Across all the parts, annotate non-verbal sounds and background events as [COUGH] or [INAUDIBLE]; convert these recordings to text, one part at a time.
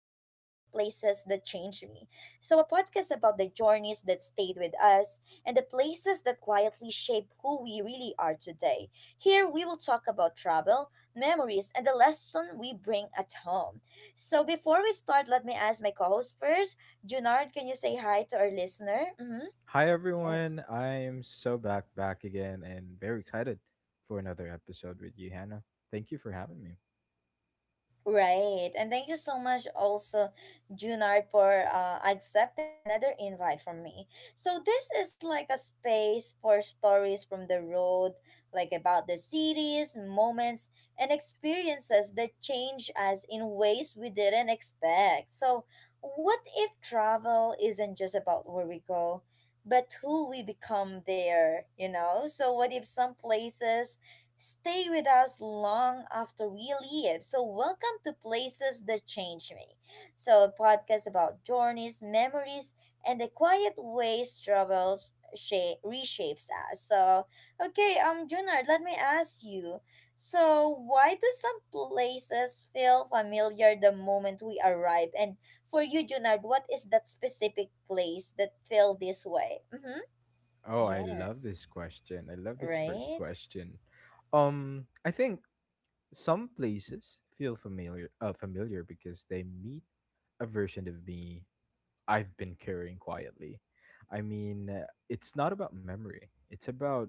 about the journeys that stayed with us and the places that quietly shape who we really are today. Here, we will talk about travel, memories, and the lesson we bring at home. So, before we start, let me ask my co host first. Junard, can you say hi to our listener? Mm-hmm. Hi Yes. everyone. I'm so back again and very excited for another episode with you, Hannah. Thank you for having me. Right. And thank you so much also, Junard, for accepting another invite from me. So this is like a space for stories from the road, like about the cities, moments, and experiences that change us in ways we didn't expect. So what if travel isn't just about where we go, but who we become there? So what if some places stay with us long after we leave. So, welcome to Places That Change Me. So, a podcast about journeys, memories, and the quiet ways travels shape, reshapes us. So, okay, Junard, let me ask you. So, why do some places feel familiar the moment we arrive? And for you, Junard, what is that specific place that feel this way? Mm-hmm. Oh, I love Yes. this question. I love this first Right. question. I think some places feel familiar familiar because they meet a version of me I've been carrying quietly. I mean, it's not about memory. It's about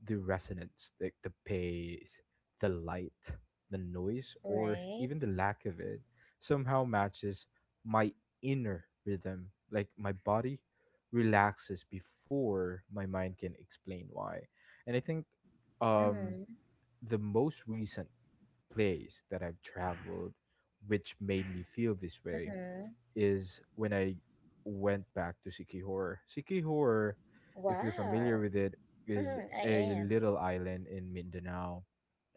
the resonance, the pace, the light, the noise, or Right. even the lack of it somehow matches my inner rhythm. Like my body relaxes before my mind can explain why. And I think um, Mm-hmm. the most recent place that I've traveled, which made me feel this way, Mm-hmm. is when I went back to Siki Horror. Siki Horror, if you're familiar Wow. with it, is Mm-hmm, a I am. little island in Mindanao.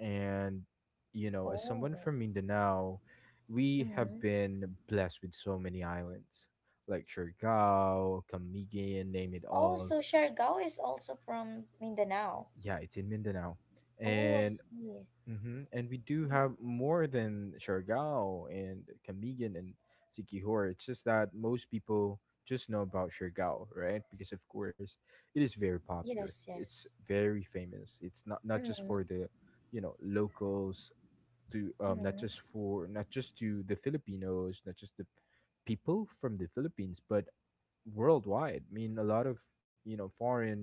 And, you know, as Oh. someone from Mindanao, we have Mm-hmm. been blessed with so many islands like Surigao, Camiguin, name it Oh, all. so Siargao is also from Mindanao. Yeah, it's in Mindanao. Oh, I And see. mm-hmm. And we do Mm-hmm. have more than Siargao and Camigan and Sikihor. It's just that most people just know about Siargao, right? Because of course it is very popular. Yes, It's yes. very famous. It's not just Mm-hmm. for the, you know, locals to not Mm-hmm. just for not just to the Filipinos, not just the people from the Philippines, but worldwide. I mean a lot of, you know, foreign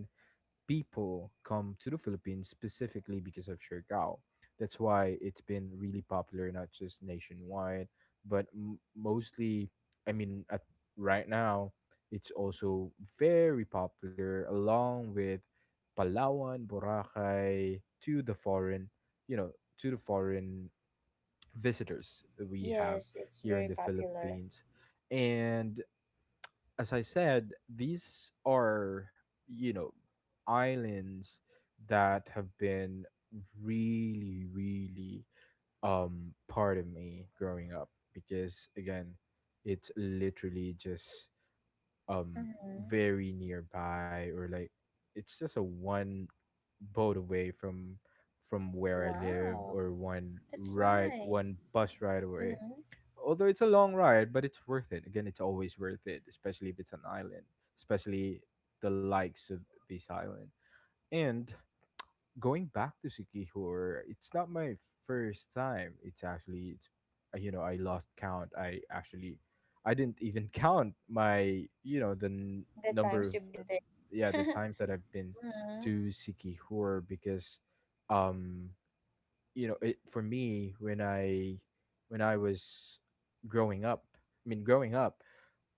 people come to the Philippines specifically because of Siargao. That's why it's been really popular, not just nationwide, but mostly, I mean, right now, it's also very popular along with Palawan, Boracay to the foreign, you know, to the foreign visitors that we have Yes, it's here in very the popular. Philippines. And as I said, these are, you know, islands that have been really, really part of me growing up because again, it's literally just um Mm-hmm. very nearby or like it's just a one boat away from where I live Wow. or That's one nice. bus ride away, Mm-hmm. although it's a long ride, but it's worth it. Again, it's always worth it, especially if it's an island, especially the likes of this island. And going back to Sikihor, it's not my first time. It's actually it's you know, I lost count. I actually I didn't [LAUGHS] even count my, you know, the The number times of, you've been yeah, the there. [LAUGHS] times that I've been Mm-hmm. to Sikihor because um you know, it for me when I was growing up, I mean, growing up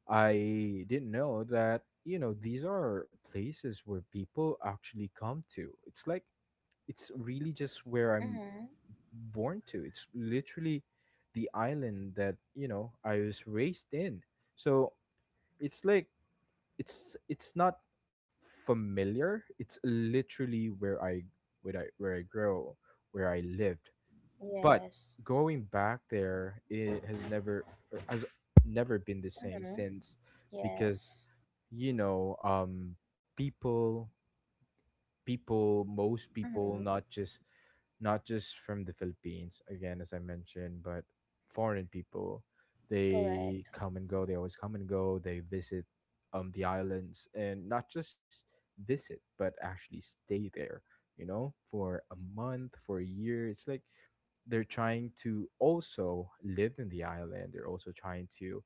I didn't know that, you know, these are places where people actually come to. It's like it's really just where I'm Mm-hmm. born to. It's literally the island that, you know, I was raised in. So it's like it's not familiar. It's literally where I grow, where I lived, but Yes. going back there, it has never been the same Mm-hmm. since, because Yes. you know, people, people, most people, Mm-hmm. not just from the Philippines, again, as I mentioned, but foreign people, they Correct. come and go. They always come and go. They visit the islands and not just visit, but actually stay there, you know, for a month, for a year. It's like they're trying to also live in the island. They're also trying to,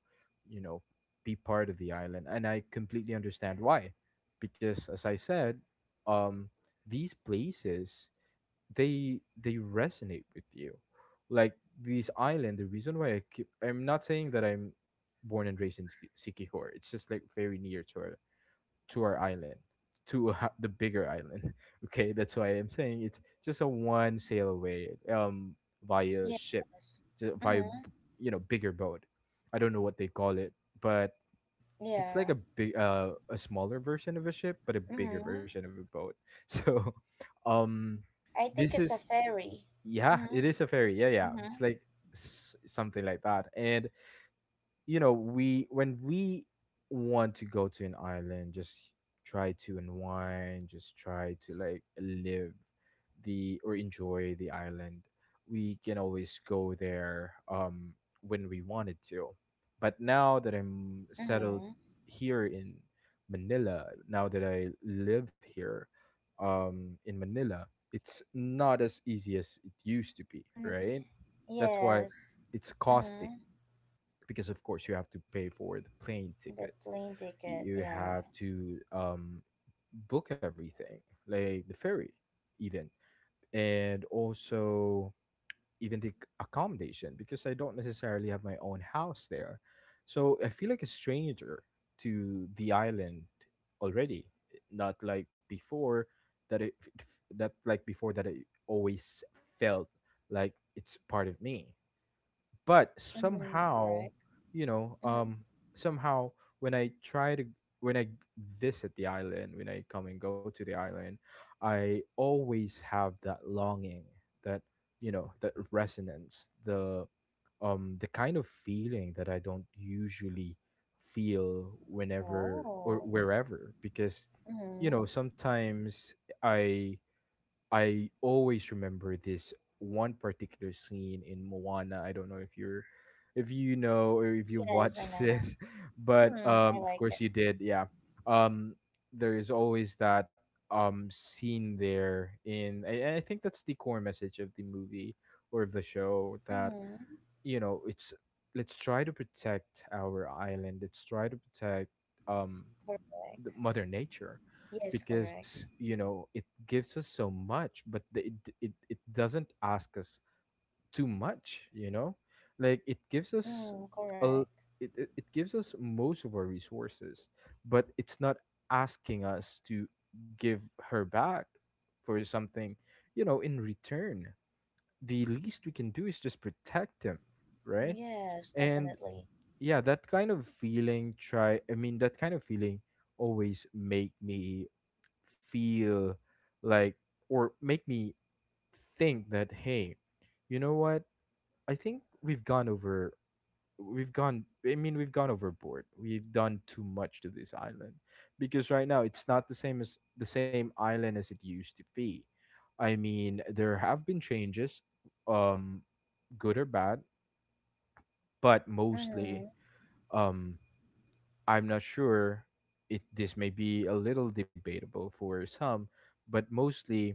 you know, be part of the island. And I completely understand why. Because as I said, um, these places they resonate with you. Like this island, the reason why I'm not saying that I'm born and raised in Sikihor. It's just like very near to our island, to [LAUGHS] the bigger island. [LAUGHS] Okay, that's why I'm saying it's just a one sail away, via ship, Yes. just Mm-hmm. You know, bigger boat. I don't know what they call it, but it's like Yeah. a big, a smaller version of a ship, but a bigger Mm-hmm. version of a boat. [LAUGHS] So, um, I think this it's a is ferry. yeah, Mm-hmm. it is a ferry. Yeah, yeah, Mm-hmm. it's like something like that, and you know we when we want to go to an island, just try to unwind, just try to like live the or enjoy the island, we can always go there when we wanted to, but now that I'm settled Mm-hmm. here in Manila, now that I live here in Manila, it's not as easy as it used to be, Mm-hmm. right? That's why Yes. it's costing Mm-hmm. because of course you have to pay for the plane The ticket. plane ticket, You yeah. have to book everything like the ferry even, and also even the accommodation because I don't necessarily have my own house there, so I feel like a stranger to the island already, not like before, that it that like before that it always felt like it's part of me, but Mm-hmm. somehow, Correct. you know, Mm-hmm. Somehow when i try to when I visit the island, when I come and go to the island, I always have that longing, that, you know, that resonance, the kind of feeling that I don't usually feel whenever or Oh. wherever, because you Mm-hmm. know, sometimes i I always remember this one particular scene in Moana. I don't know if you know or if you've Yes, I watched [LAUGHS] know. this, but Mm-hmm. I of like it. course you did, yeah. Um there is always that scene there in, and I think that's the core message of the movie or of the show that, Mm-hmm. you know, it's, let's try to protect our island. Let's try to protect um the Correct. mother nature Yes, correct. because you know it gives us so much, but it doesn't ask us too much, you know, like it gives us Mm, a correct. l- it gives us most of our resources, but it's not asking us to give her back for something, you know, in return. The least we can do is just protect him, right? Yes, And definitely. yeah, that kind of feeling try I mean, that kind of feeling always make me feel like or make me think that, hey, you know what, I think we've gone I mean, we've gone overboard. We've done too much to this island, because right now it's not the same as the same island as it used to be. I mean, there have been changes, um good or bad, but mostly Mm-hmm. um I'm not sure, it this may be a little debatable for some, but mostly,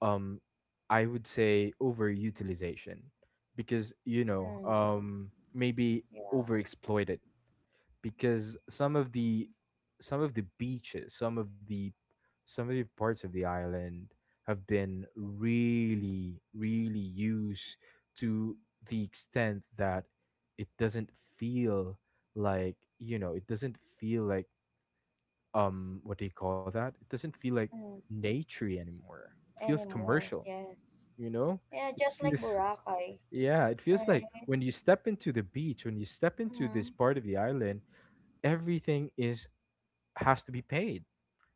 um I would say overutilization because you know, Mm, maybe yeah. overexploited because some of the beaches some of the parts of the island have been really, really used to the extent that it doesn't feel like, you know, it doesn't feel like what do you call that, it doesn't feel like Mm, nature anymore. It feels anymore, commercial, yes. you know, Yeah, it just like feels Boracay, yeah, it feels like right? when you step into the beach, when you step into this Mm, part of the island, everything is has to be paid,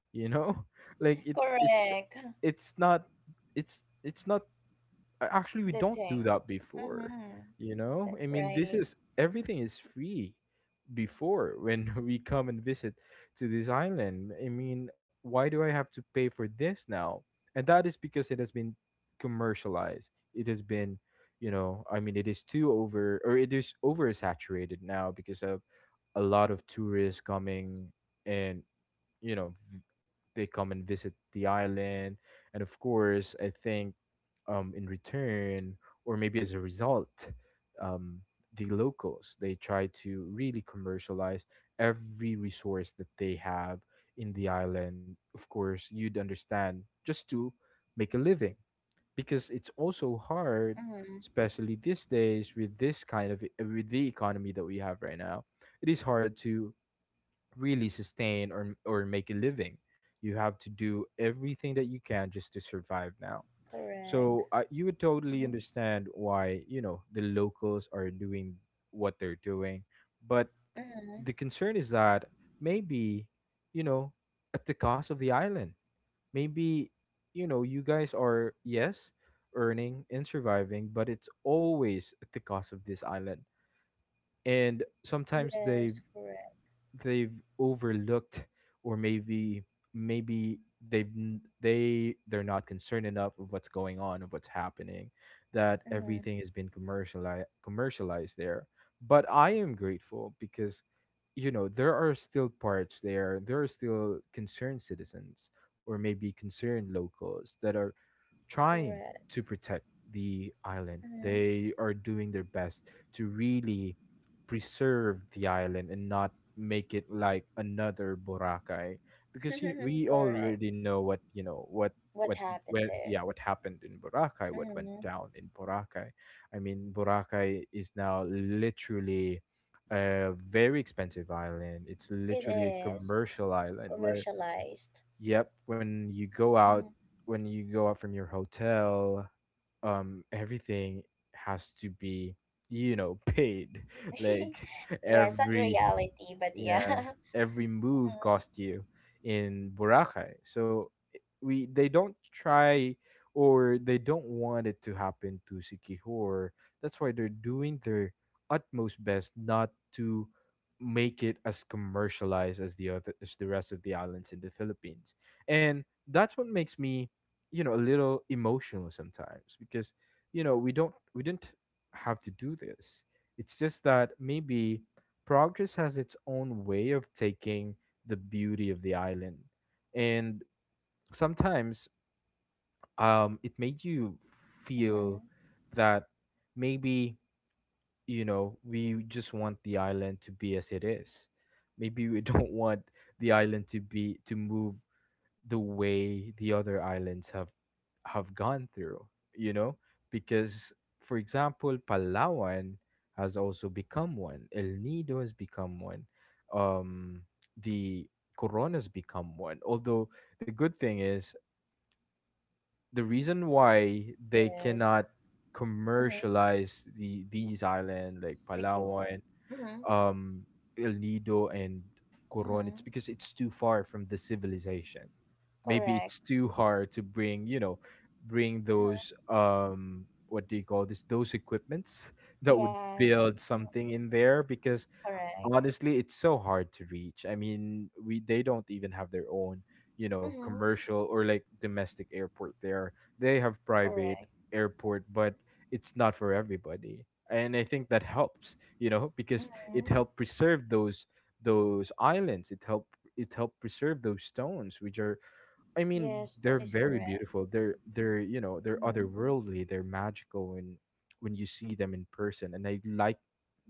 you know, [LAUGHS] like correct. [LAUGHS] it's not it's not actually, we The don't do thing. that before. Mm-hmm. You know, That, I mean, this right. is everything is free before when [LAUGHS] we come and visit to this island. I mean, why do I have to pay for this now? And that is because it has been commercialized. It has been, you know, I mean, it is too over, or it is oversaturated now because of a lot of tourists coming and you know they come and visit the island, and of course I think, in return or maybe as a result, um the locals, they try to really commercialize every resource that they have in the island. Of course you'd understand, just to make a living, because it's also hard, Mm-hmm. especially these days with this kind of with the economy that we have right now. It is hard to really sustain or make a living. You have to do everything that you can just to survive now. Correct. So you would totally Mm-hmm. understand why, you know, the locals are doing what they're doing, but Mm-hmm. the concern is that maybe, you know, at the cost of the island. Maybe, you know, you guys are, yes, earning and surviving, but it's always at the cost of this island. And sometimes Yes, they've correct. they've overlooked, or maybe they've they they're not concerned enough of what's going on, of what's happening, that everything Mm-hmm. has been commercialized there, but I am grateful because you know there are still parts there, there are still concerned citizens or maybe concerned locals that are trying Correct. to protect the island. They are doing their best to really preserve the island and not make it like another Boracay, because Mm-hmm. [LAUGHS] we Correct. already know, what you know What what happened where yeah, there? what happened in Boracay, what went Mm-hmm. down in Boracay. I mean, Boracay is now literally a very expensive island. It's It literally a is commercial island where commercialized. Yep, when you go out, Mm-hmm. when you go out from your hotel, everything has to be paid. [LAUGHS] [LAUGHS] Like Yeah, sad every, reality, but yeah, yeah. [LAUGHS] every move cost you in Boracay. So I- we they don't try, or they don't want it to happen to Sikihor. That's why they're doing their utmost best not to make it as commercialized as the other as the rest of the islands in the Philippines. And that's what makes me, a little emotional sometimes, because we didn't have to do this. It's just that maybe progress has its own way of taking the beauty of the island. And sometimes it made you Mm-hmm. feel that maybe we just want the island to be as it is. Maybe we [LAUGHS] don't want the island to move the way the other islands have gone through, you know? Because, for example, Palawan has also become one. El Nido has become one. Um the Corona's become one. Although, the good thing is the reason why they Yes. cannot Mm-hmm. commercialize these island like Secure. Palawan, Mm-hmm. um El Nido, and Coron, it's Mm-hmm. because it's too far from the civilization. Maybe it's Correct. too hard to bring, those Mm-hmm. What do you call this? Those equipments [LAUGHS] that would Yeah. build Mhm. something in there, because Correct. honestly it's so hard to reach. I mean, we they don't even have their own, Mm-hmm. commercial or like domestic airport there. They have Correct. private airport, but it's not for everybody, and I think that helps because Mm-hmm. it helped preserve those islands. It helped preserve those stones, which are I mean, Yes, that they're is very correct. beautiful. They're you know they're Mm-hmm. otherworldly. They're magical when you see them in person, and I like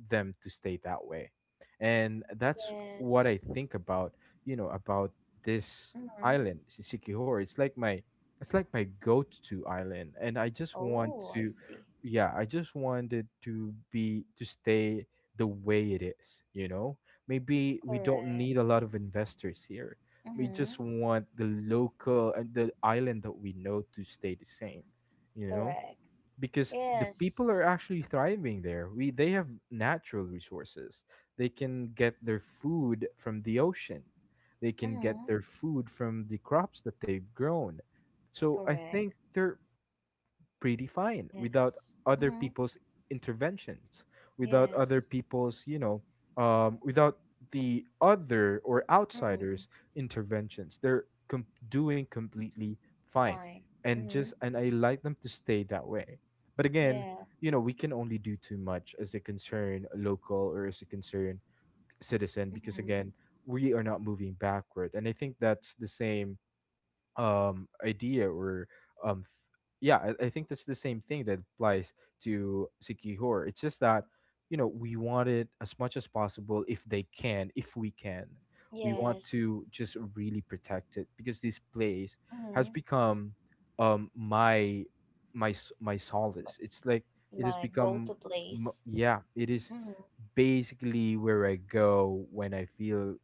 them to stay that way. And that's what Yes. I think about you know about this Mm-hmm. island, Sikihor. It's like my go-to island, and I just Oh, I see. Wanted to stay the way it is. You know, maybe we don't Correct. need a lot of investors here. We Mm-hmm. just want the local and the island that we know to stay the same, you know? Correct. Because the Yes. people are actually thriving there. We they have natural resources. They can get their food from the ocean. They can get their Mm-hmm. food from the crops that they've grown. So I think Correct. there pretty fine without Yes. other Mm-hmm. people's interventions, without other Yes. people's, without the other or Mm-hmm. outsiders' interventions. They're doing completely fine, Fine. and just Mm-hmm. and I like them to stay that way. But again, Yeah. We can only do too much as a concerned local or as a concerned citizen, because Mm-hmm. again, we are not moving backward, and I think that's the same idea, or um yeah, I think that's the same thing that applies to Sikihor. It's just that, we want it as much as possible. If they can, if we can, we want Yes. to just really protect it, because this place has Mm-hmm. become my But solace it's like it has like go to become, m- place. yeah it is Mm-hmm. basically, where I go when I feel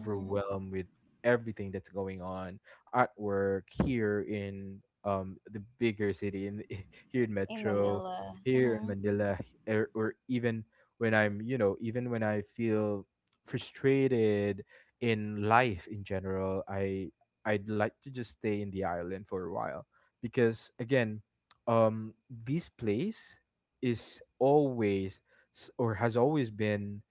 Mm-hmm. with everything that's going on at work here in the bigger city in [LAUGHS] here in In Metro, Manila. here in Mm-hmm. Manila, or even when I'm you know even when I feel frustrated in life in general. I'd like to just stay in the island for a while, because again, um, this place is always s- or has always been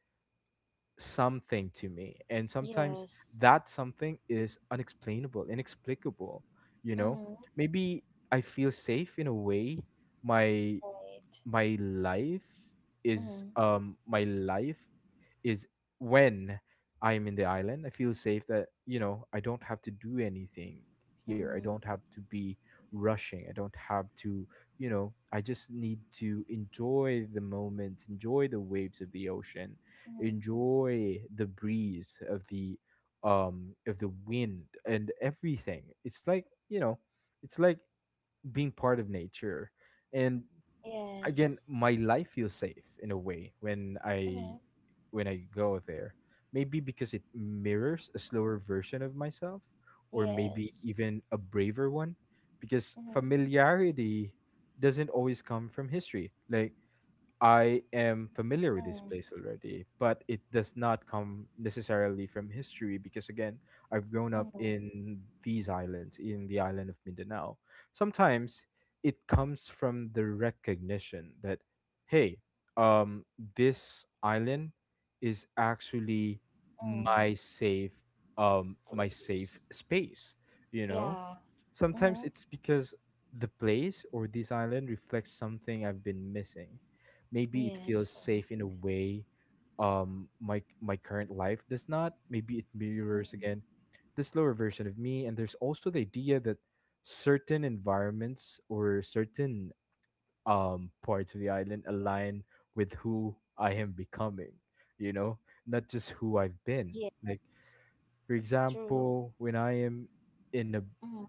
something to me, and sometimes Yes. that something is unexplainable, inexplicable, you know? Mm-hmm. Maybe I feel safe in a way. my Right. my life is Mm-hmm. um my life is when I'm in the island, I feel safe that I don't have to do anything here. I Mm-hmm. don't have to be rushing. I don't have to, you know, I just need to enjoy the moment, enjoy the waves of the ocean, Mm-hmm. enjoy the breeze of the wind and everything. It's like being part of nature. And again, Yes. my life feels safe in a way when Mm-hmm. i when i go there, maybe because it mirrors a slower version of myself, or maybe Yes. even a braver one, because Mm-hmm. familiarity doesn't always come from history. Like, I am familiar with this Mm-hmm. place already, but it does not come necessarily from history, because, again, I've grown up Mm-hmm. in these islands, in the island of Mindanao. Sometimes it comes from the recognition that, hey, um, this island is actually Mm. my safe, my safe Please. space. You know, Yeah. sometimes Mm-hmm. it's because the place or this island reflects something I've been missing. Maybe it Yes, feels safe in a correct. way my current life does not. Maybe it mirrors again Mm-hmm. the slower version of me, and there's also the idea that certain environments or certain parts of the island align with who I am becoming, you know not just who I've been. Like, Yes. for True. example, when I am in a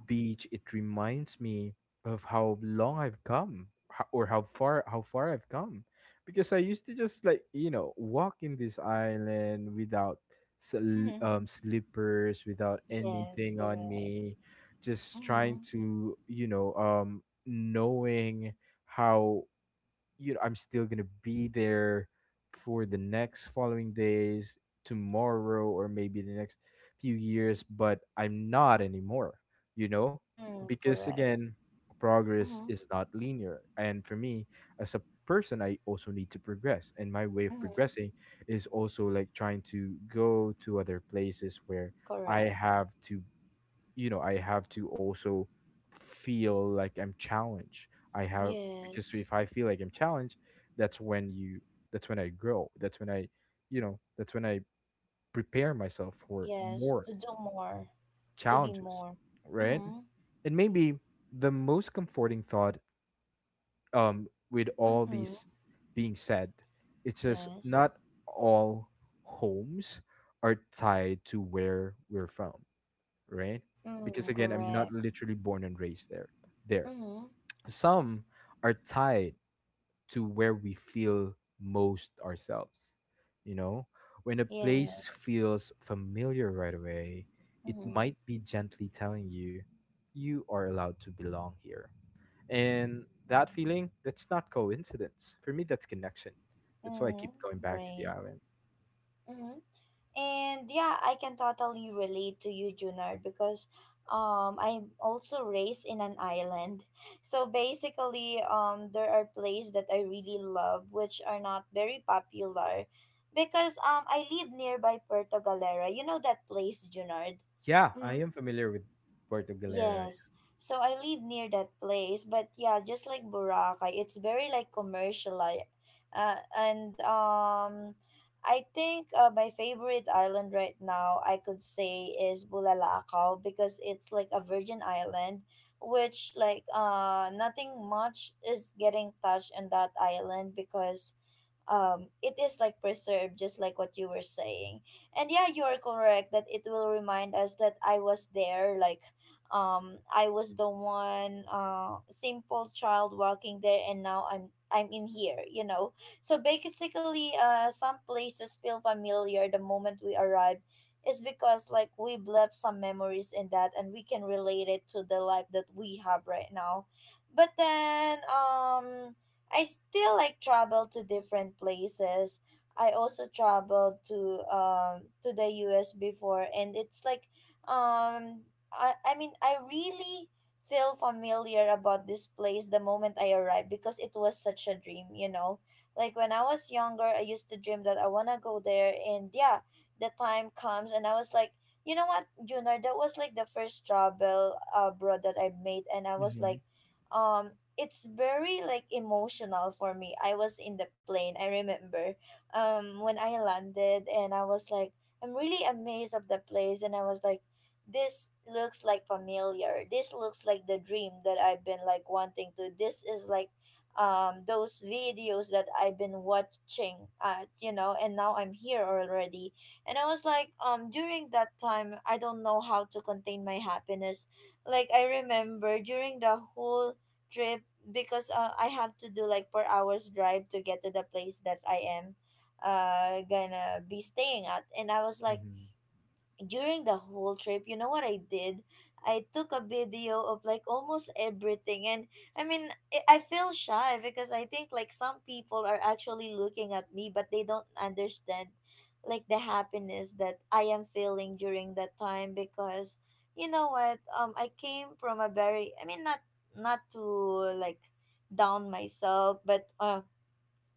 beach, it reminds me of how far I've come, because I used to just like walk in this island without Mm-hmm. [LAUGHS] Slippers, without Yes, anything on correct. me, just Mm-hmm. trying to, knowing how, I'm still gonna be there for the next following days, tomorrow, or maybe the next few years, but I'm not anymore, you know? Mm, Because correct. again, progress Mm-hmm. is not linear. And for me, as a person, I also need to progress. And my way of Mm-hmm. progressing is also like trying to go to other places where I Correct. have to I have to also feel like I'm challenged. I have Because Yes. if I feel like I'm challenged, that's when you that's when I grow. That's when I prepare myself for Yes. more To do more. To be challenges, more. right? Mm-hmm. And maybe the most comforting thought, with all Mm-hmm. these being said, it's just Yes. not all homes are tied to where we're from, right? Because Mm, again, I'm not correct. literally born and raised there. There. Mm-hmm. Some are tied to where we feel most ourselves. You know, when a place Yes. feels familiar right away, it Mm-hmm. might be gently telling you: you are allowed to belong here. And that feeling, that's not coincidence. For me, that's connection. That's why I keep Mm, going back to the great. island. Mm-hmm. And yeah, I can totally relate to you, Junard, because I'm also raised in an island. [LAUGHS] So basically, there are plays that I really love which are not very popular because I live nearby Puerto Galera. You know that place, Junard? Yeah, I Hmm. am familiar with Puerto Galera. Yes. So I live near that place, but yeah, just like Boracay, it's very like commercial. And I think, my favorite island right now I could say is Bulalakaw because it's like a virgin island which, like, nothing much is getting touched on that island because it is like preserved, just like what you were saying. And yeah, you are correct that it will remind us that I was there. Like, I was the one, simple child walking there, and now I'm in here. So basically, some places feel familiar the moment we arrive is because, like, we've left some memories in that, and we can relate it to the life that we have right now. But then, I still like travel to different places. I also traveled to the US before, and it's like, um I mean, I really feel familiar about this place the moment I arrived because it was such a dream. Like when I was younger, I used to dream that I wanna go there, and yeah, the time comes and I was like, you know what, Junior, that was like the first travel abroad that I made, and I was Hmm. like, um it's very like emotional for me. I was in the plane, I remember. When I landed, and I was like, I'm really amazed of the place, and I was like, this looks like familiar. This looks like the dream that I've been like wanting to. This is like those videos that I've been watching at, and now I'm here already. And I was like, during that time I don't know how to contain my happiness. Like I remember during the whole trip because, I have to do like 4 hours drive to get to the place that I am gonna be staying at, and I was like Hmm. during the whole trip, you know what I did? I took a video of like almost everything. And I mean, I feel shy because I think like some people are actually looking at me, but they don't understand like the happiness that I am feeling during that time because you know what? I came from a very, I mean, not to like down myself, but,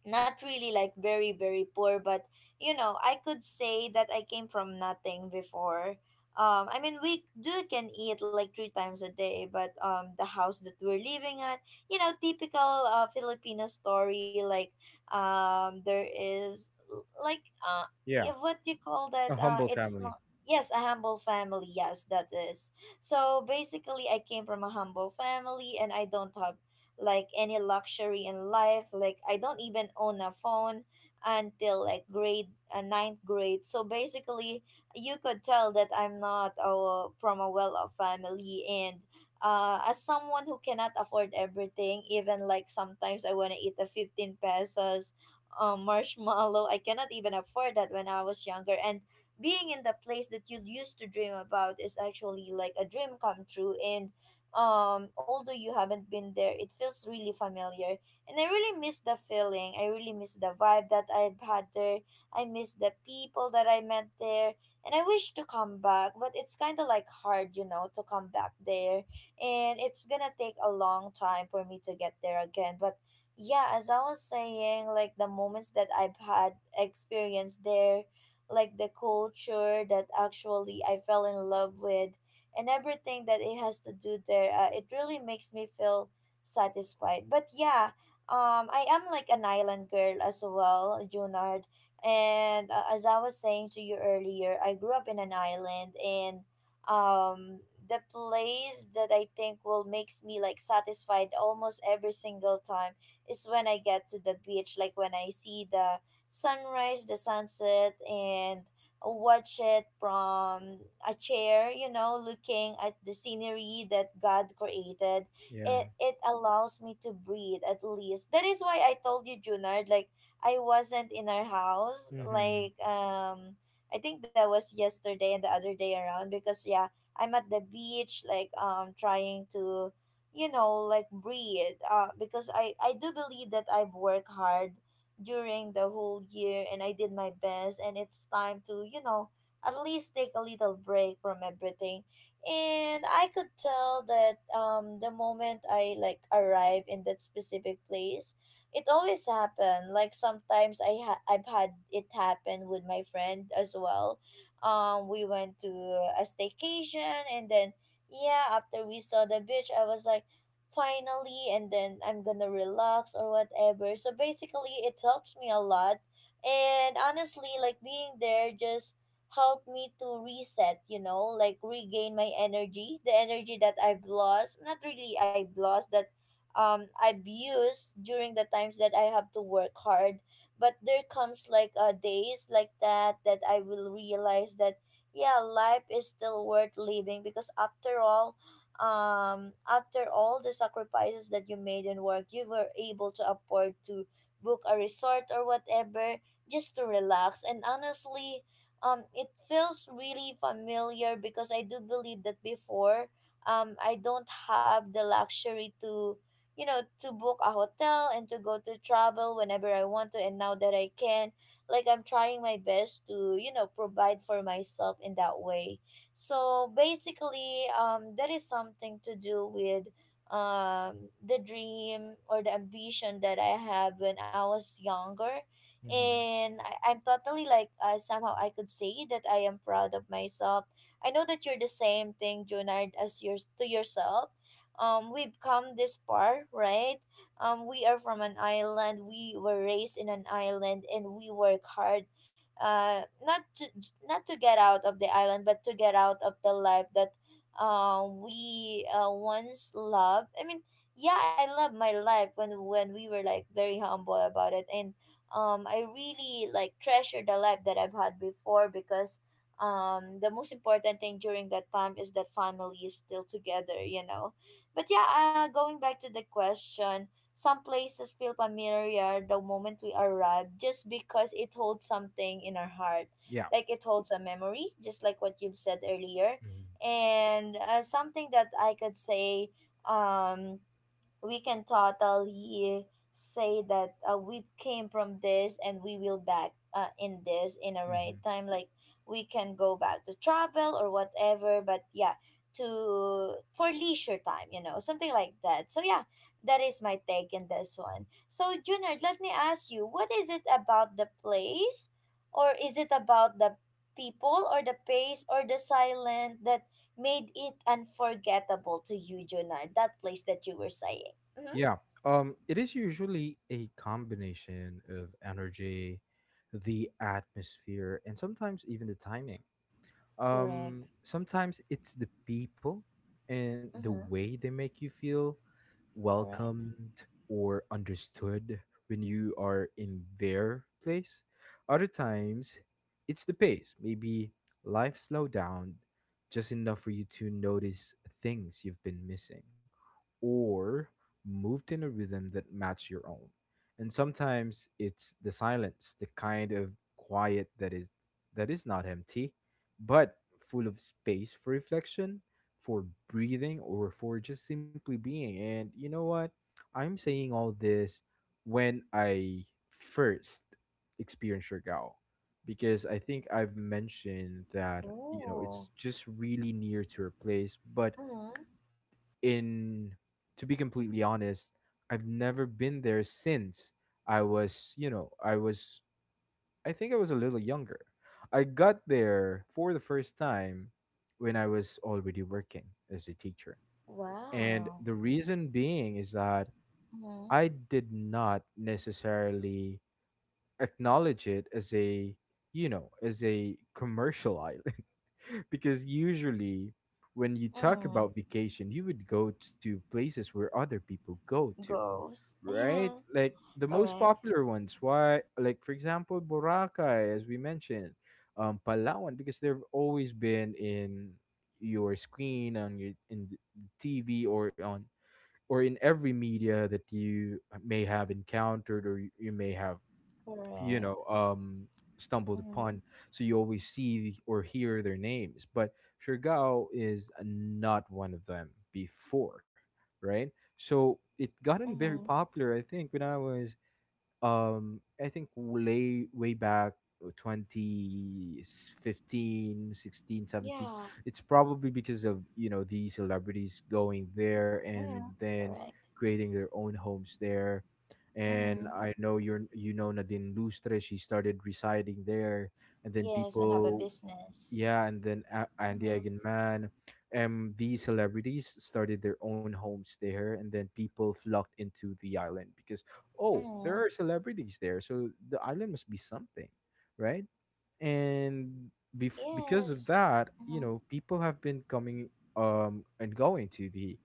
not really like very very poor. But I could say that I came from nothing before. I mean, we do can eat like three times a day, but the house that we're living at, typical Filipino story, like, like, Yeah, what do you call that, a humble it's family. not. Yes, a humble family. Yes, that is. So basically, I came from a humble family, and I don't have like any luxury in life. Like I don't even own a phone until like grade ninth grade. So basically, you could tell that I'm not, from a well-off family, And as someone who cannot afford everything, even like sometimes I wanna eat a 15 pesos marshmallow. I cannot even afford that when I was younger. And being in the place that you used to dream about is actually like a dream come true. And although you haven't been there, it feels really familiar, and I really miss the feeling. I really miss the vibe that I've had there. I miss the people that I met there, and I wish to come back, but it's kind of like hard, to come back there, and it's gonna take a long time for me to get there again. But yeah, as I was saying, like the moments that I've had experienced there, like the culture that actually I fell in love with, and everything that it has to do there, it really makes me feel satisfied. But yeah, I am like an island girl as well, Junard. And, as I was saying to you earlier, I grew up in an island. And um the place that I think will makes me like satisfied almost every single time is when I get to the beach, like when I see the sunrise, the sunset, and watch it from a chair, looking at the scenery that God created. Yeah. It allows me to breathe at least. That is why I told you, Junard, like I wasn't in our house. Mm-hmm. Like I think that was yesterday and the other day around because yeah, I'm at the beach, like trying to, like, breathe, because I do believe that I've worked hard during the whole year, and I did my best, and it's time to, at least take a little break from everything. And I could tell that the moment I like arrive in that specific place, it always happened. Like sometimes I've had it happen with my friend as well. We went to a staycation, and then yeah, after we saw the beach, I was like, finally, and then I'm gonna relax or whatever. So basically, it helps me a lot. And honestly, like being there just helped me to reset, like regain my energy, the energy that I've lost, not really I've lost that, I've used during the times that I have to work hard. But there comes like days like that I will realize that yeah, life is still worth living because after all the sacrifices that you made and work you were able to afford to book a resort or whatever just to relax. And honestly, it feels really familiar because I do believe that before, I don't have the luxury to to book a hotel and to go to travel whenever I want to. And now that I can, like, I'm trying my best to provide for myself in that way. So basically, that is something to do with the dream or the ambition that I have when I was younger. Mm-hmm. And I'm totally like, somehow I could say that I am proud of myself. I know that you're the same thing, Junard, as yours to yourself. We've come this far, right? We are from an island. We were raised in an island, and we work hard, uh, not to not to get out of the island, but to get out of the life that, we, once loved. I mean, yeah, I love my life when we were like very humble about it, and I really like treasure the life that I've had before, because the most important thing during that time is that family is still together. But yeah, going back to the question, some places feel familiar the moment we arrive just because it holds something in our heart. Yeah. Like it holds a memory, just like what you've said earlier. Mm-hmm. And something that I could say, um, we can totally say that, we came from this and we will back, in this in a right Mm-hmm. time. Like we can go back to travel or whatever, but yeah, to for leisure time, something like that. So yeah, that is my take in this one. So Junard, let me ask you, what is it about the place, or is it about the people or the pace or the silent that made it unforgettable to you, Junard, that place that you were saying? Mm-hmm. Yeah. It is usually a combination of energy, the atmosphere, and sometimes even the timing. Correct. Sometimes it's the people and the Mm-hmm. way they make you feel Correct. welcomed or understood when you are in their place. Other times, it's the pace. Maybe life slowed down just enough for you to notice things you've been missing, or moved in a rhythm that matched your own. And sometimes it's the silence, the kind of quiet that is not empty, but full of space for reflection, for breathing, or for just simply being. And you know what? I'm saying all this when I first experienced Surigao, because I think I've mentioned that, you know, Oh. it's just really near to her place. Mm-hmm. in, to be completely honest, I've never been there since I was, you know, I was, I think I was a little younger. I got there for the first time when I was already working as a teacher, and Wow. the reason being is that Mm-hmm. I did not necessarily acknowledge it as a commercial island. [LAUGHS] Because usually when you talk Mm. about vacation, you would go to places where other people go to, Goals. [LAUGHS] right? Yeah. Like the most Correct. popular ones. Why? Like, for example, Boracay, as we mentioned, Palawan, because they've always been in your screen, on your in the TV, or in every media that you may have encountered, or you may have you Correct. know um stumbled Mm-hmm. upon. So you always see or hear their names, but Shergao is not one of them before, right? So it gotten very Mm-hmm. popular, I think when I was I think way way back, 2015, sixteen, seventeen. Yeah. It's probably because of the celebrities going there and Mm-hmm. then Correct. creating their own homes there. And Mm-hmm. I know, you're you know Nadine Lustre, she started residing there, and then Yes, and have a people, business. yeah, and then Andy Mm-hmm. Eigenman, these celebrities started their own homes there, and then people flocked into the island because, oh, there Mm-hmm. are celebrities there, so the island must be something, right? And because of Yes. that, you Mm-hmm. know, people have been coming and going to the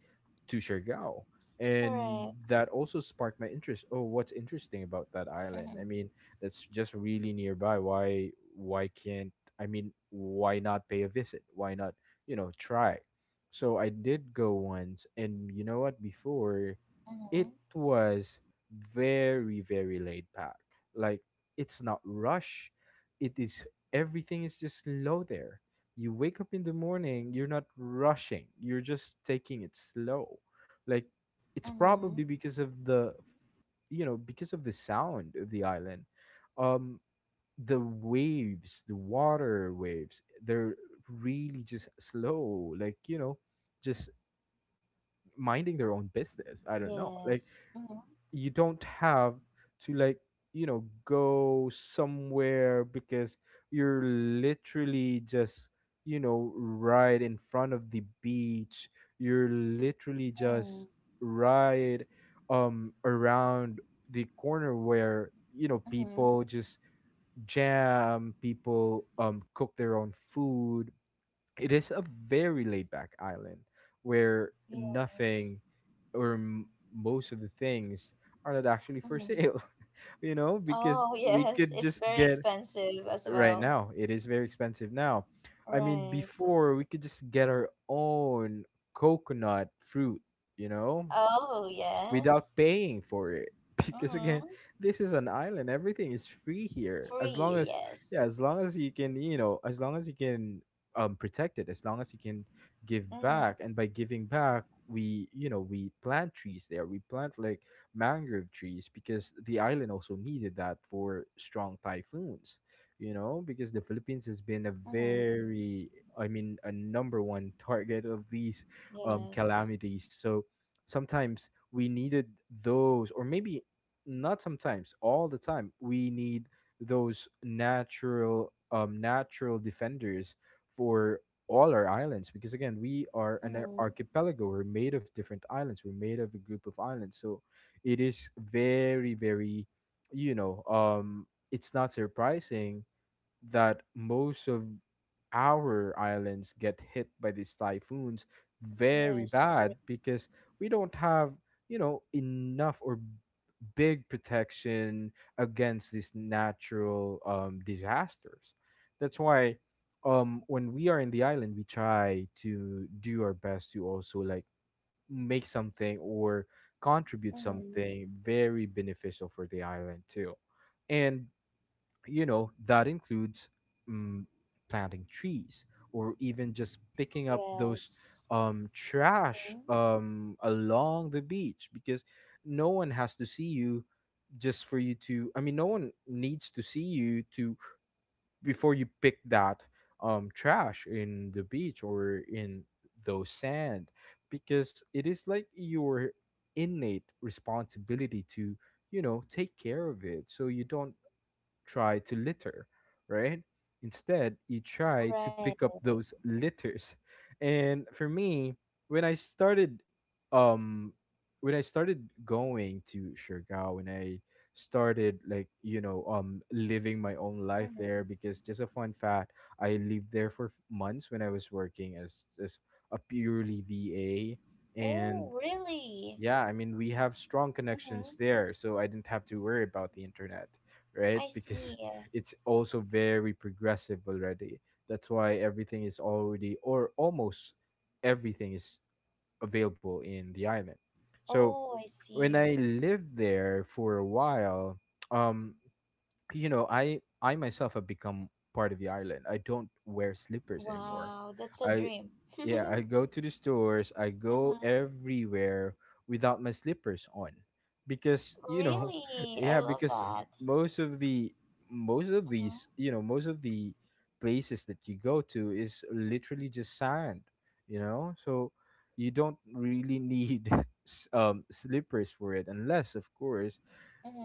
to Siargao, and Correct. that also sparked my interest. Oh, what's interesting about that island? I Mm-hmm. mean, that's just really nearby. Why can't I mean why not pay a visit? Why not try? So I did go once, and you know what? Before, Mm-hmm. it was very very laid back, like it's not rush, it is everything is just slow there. You wake up in the morning, you're not rushing, you're just taking it slow, like it's Mm-hmm. probably because of the, you know, because of the sound of the island, um the waves, the water waves, they're really just slow, like, you know, just minding their own business, I don't know, like Yes. Mm-hmm. you don't have to, like, you know, go somewhere because you're literally just, you know, right in front of the beach. You're literally Mm-hmm. just right around the corner where, you know, Mm-hmm. people just jam, people cook their own food. It is a very laid back island where Yes. nothing or most of the things are not actually for Mm-hmm. sale. [LAUGHS] You know, because Oh, we yes, could it's just very get, expensive as right well. now it is very expensive now. I mean Right. before we could just get our own coconut fruit, you know, Oh, without yes. paying for it. [LAUGHS] Because again, Mm-hmm. this is an island, everything is free here as long Free, as, yes. yeah, as long as you can, you know, as long as you can protect it, as long as you can give back. Mm-hmm. And by giving back, we, you know, we plant trees there, we plant like mangrove trees because the island also needed that for strong typhoons. You know, because the Philippines has been a Mm-hmm. very, I mean, a number one target of these Yes. calamities. So sometimes we needed those, or maybe not sometimes, all the time we need those natural natural defenders for all our islands. Because again, we are an Mm-hmm. archipelago. We're made of different islands, we're made of a group of islands. So it is very very, you know, it's not surprising that most of our islands get hit by these typhoons very Yes, bad, correct. because we don't have, you know, enough or big protection against these natural disasters. That's why, when we are in the island, we try to do our best to also, like, make something or contribute Mm-hmm. something very beneficial for the island too. And you know that includes, um, planting trees, or even just picking up those Yes. Trash Mm-hmm. Along the beach, because no one has to see you just for you to, I mean, no one needs to see you to before you pick that trash in the beach or in those sand, because it is like your innate responsibility to, you know, take care of it, so you don't try to litter, right? Instead, you try to Right. pick up those litters. And for me, when I started, um when I started going to Siargao, when I started, like, you know, living my own life Mm-hmm. there, because just a fun fact, I lived there for months when I was working as a purely VA, and Oh, really? yeah, I mean, we have strong Mm-hmm. connections there, so I didn't have to worry about the internet, right? I Because see. [LAUGHS] it's also very progressive already. That's why everything is already, or almost everything is available in the island. So Oh, I when see. I lived there for a while, [TSK] um, you know, I myself have become part of the island. I don't wear slippers anymore. Wow, that's a I, dream. yeah, I [LAUGHS] go to the stores, I go Mm-hmm. everywhere without my slippers on. Because, you know, [LAUGHS] Really? I yeah, love because that. most of the, Mm-hmm. Most of the places that you go to is literally just sand, you know? So you don't really need, [LAUGHS] slippers for it, unless of course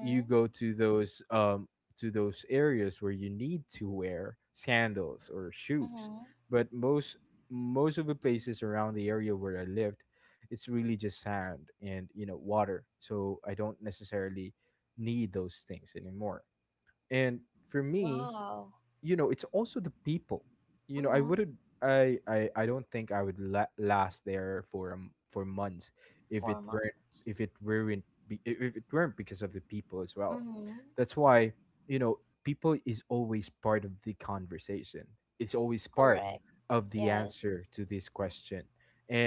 you go to those areas where you need to wear sandals or shoes. Mm-hmm. But most, most of the places around the area where I lived, it's really just sand and, you know, water, so I don't necessarily need those things anymore. And for me, Wow. you know, it's also the people. You know, I Mm-hmm. wouldn't, I don't think I would last there for months if it Four weren't, months. If it weren't because of the people as well. Mm-hmm. That's why, you know, people is always part of the conversation, it's always part Correct. of the Yes. answer to this question.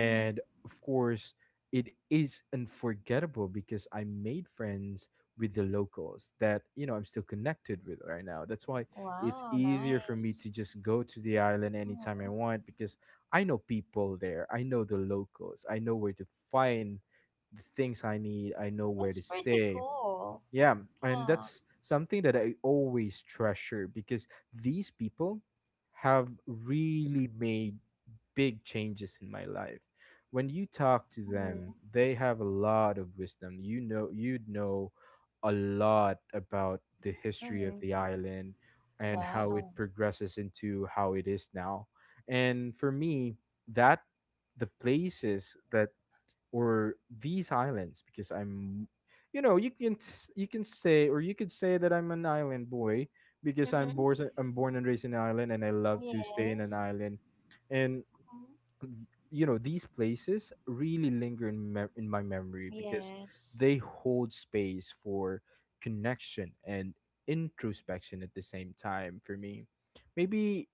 Mm-hmm. of course, it is unforgettable because I made friends with the locals that, you know, I'm still connected with right now. That's why it's Wow, easier for me to nice. just go to the island anytime I Mm-hmm. want, because I know people there. I know the locals. I know where to find the things I need. I know where to That's pretty stay. cool. Yeah, and Yeah. that's something that I always treasure, because these people have really made big changes in my life. When you talk to Mm-hmm. them, they have a lot of wisdom. You know, you'd know a lot about the history of the Mm-hmm. island and how it Wow. progresses into how it is now. And for me, that, the places that, or these islands, because I'm, you know, you can you can say, or you could say that I'm an island boy, because [LAUGHS] I'm born and raised in an island, and I love to stay in an Yes. island. And Mm-hmm. th- you know, these places really linger in, in my memory, because Yes. they hold space for connection and introspection at the same time for me. Maybe,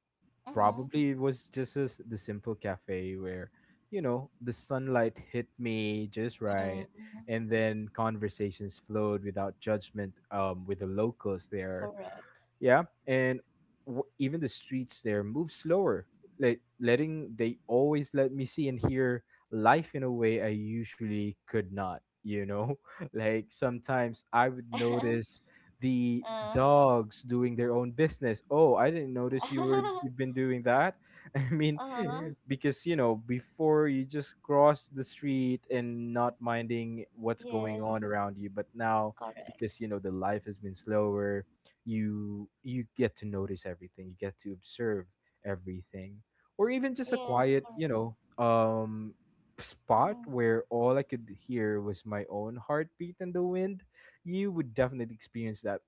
Mm-hmm. probably it was just as the simple cafe where, you know, the sunlight hit me just right, Mm-hmm. and then conversations flowed without judgment, with the locals there. Correct. Yeah, and even the streets there move slower. Like, letting, they always let me see and hear life in a way I usually could not. You know, [LAUGHS] like sometimes I would [LAUGHS] notice the uh. dogs doing their own business. Oh, I didn't notice you were, you've [LAUGHS] been doing that. [LAUGHS] I mean, Uh-huh. because, you know, before you just cross the street and not minding what's going on Yes. around you, but now, Correct. because, you know, the life has been slower, you get to notice everything, you get to observe everything, or even just a Yes, quiet, correct. you know, um spot Mm-hmm. where all I could hear was my own heartbeat and the wind. You would definitely experience that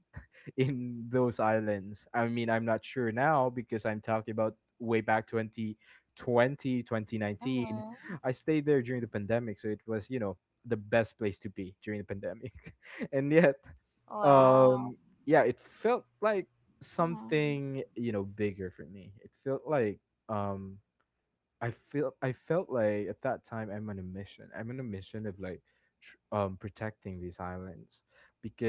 in those islands. I mean, I'm not sure now because I'm talking about way back twenty nineteen. Mm-hmm. I stayed there during the pandemic, so it was, you know, the best place to be during the pandemic. [LAUGHS] And yet, Wow. um yeah, it felt like Mm-hmm. something, you know, bigger for me. It felt like, um I felt like at that time I'm on a mission. I'm on a mission of like protecting these islands,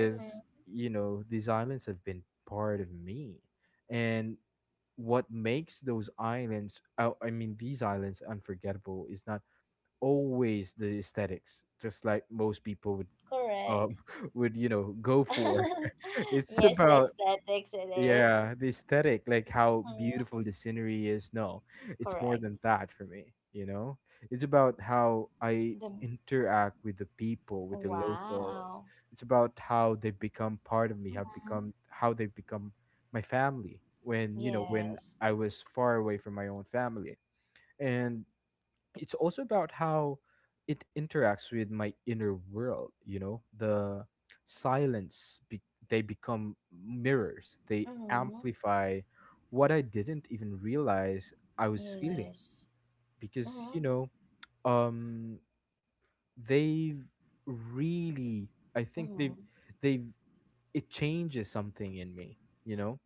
Mm-hmm. you know, these islands have been part of me. And what makes those islands, I mean, these islands unforgettable is not always the aesthetics, just like most people would, um Correct. [LAUGHS] would, you know, go for. [LAUGHS] [LAUGHS] It's Yes, the about, aesthetics it is. yeah, the aesthetic, like how Mhm. beautiful the scenery is. No, it's more Correct. than that for me, you know? It's about how I The interact with the people, with the locals. wow. It's about how they become part of me, have Mm-hmm. become how they become my family when, you know, when Yes. I was far away from my own family. And it's also about how it interacts with my inner world. You know, the silence, they become mirrors, they Mm-hmm. amplify what I didn't even realize I was feeling. Yes. Because, Mm-hmm. you know, um they've really, I think they've Mm-hmm. they've it changes something in me, you know,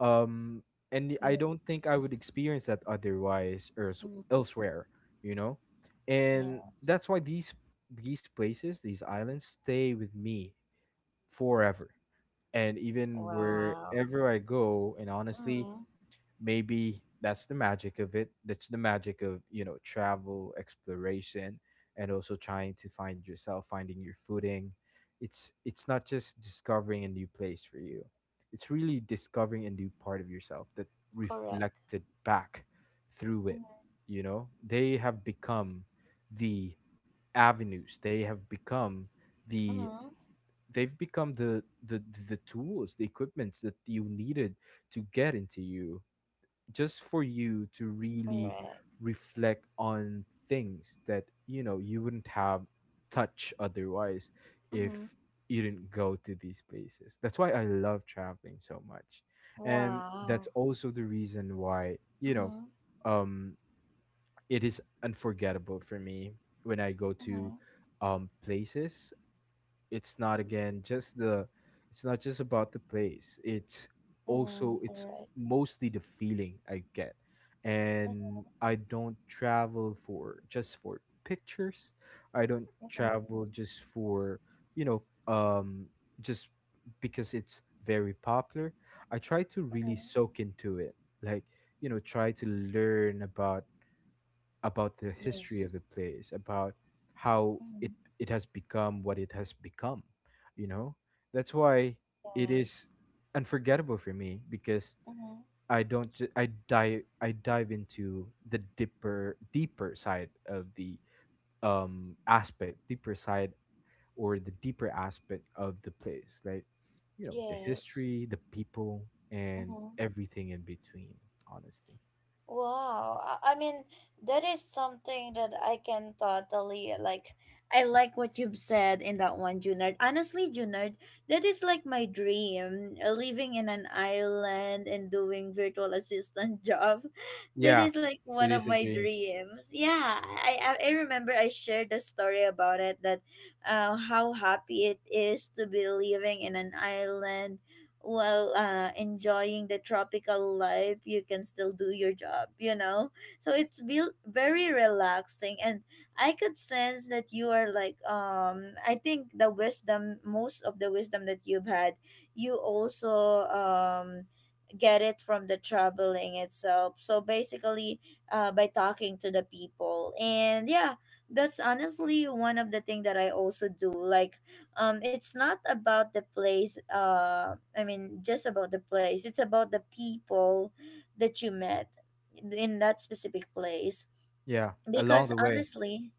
um and I don't think I would Yes. experience that otherwise, or Mm-hmm. elsewhere, you know. And Yes. that's why these places, these islands stay with me forever, and even Wow. wherever I go. And honestly, Mm-hmm. maybe that's the magic of it, that's the magic of, you know, travel, exploration, and also trying to find yourself, finding your footing. It's not just discovering a new place for you, it's really discovering a new part of yourself that Correct. reflected back through it. Mm-hmm. You know, they have become the avenues, they have become the, Mm-hmm. they've become the, the tools, the equipments that you needed to get into you, just for you to really Correct. reflect on things that, you know, you wouldn't have touch otherwise Mm-hmm. if you didn't go to these places. That's why I love traveling so much, and Wow. that's also the reason why, you Mm-hmm. know, um it is unforgettable for me. When I go to Mm-hmm. Places, it's not again just the, it's not just about the place, it's Mm, also, it's correct. mostly the feeling I get. And Mm-hmm. I don't travel for just for pictures, I don't Mm-hmm. travel just for, you know, um just because it's very popular. I try to Mm-hmm. really soak into it, like, you know, try to learn about the history of Yes. the place, about how it, Mm-hmm. it has become what it has become. You know, that's why it Yes. is unforgettable for me because Mm-hmm. I don't ju- I dive into the deeper side of the aspect, deeper side or the deeper aspect of the place, like you know the Yes. history, the people, and Mm-hmm. everything in between. Honestly, Wow. I mean, that is something that I can totally like. I like what you've said in that one, Junard. Honestly, Junard, that is like my dream. Living in an island and doing virtual assistant [LAUGHS] job. That yeah, is like one it of is a my dream. dreams. Yeah, I remember I shared a story about it, that how happy it is to be living in an island while, enjoying the tropical life. You can still do your job, you know, so it's be very relaxing. And I could sense that you are like, I think, the wisdom most of the wisdom that you've had, you also get it from the traveling itself. So basically, by talking to the people. And yeah, that's honestly one of the thing that I also do, like, it's not about the place. I mean, just about the place, it's about the people that you met in that specific place, Yeah, along because the way. honestly.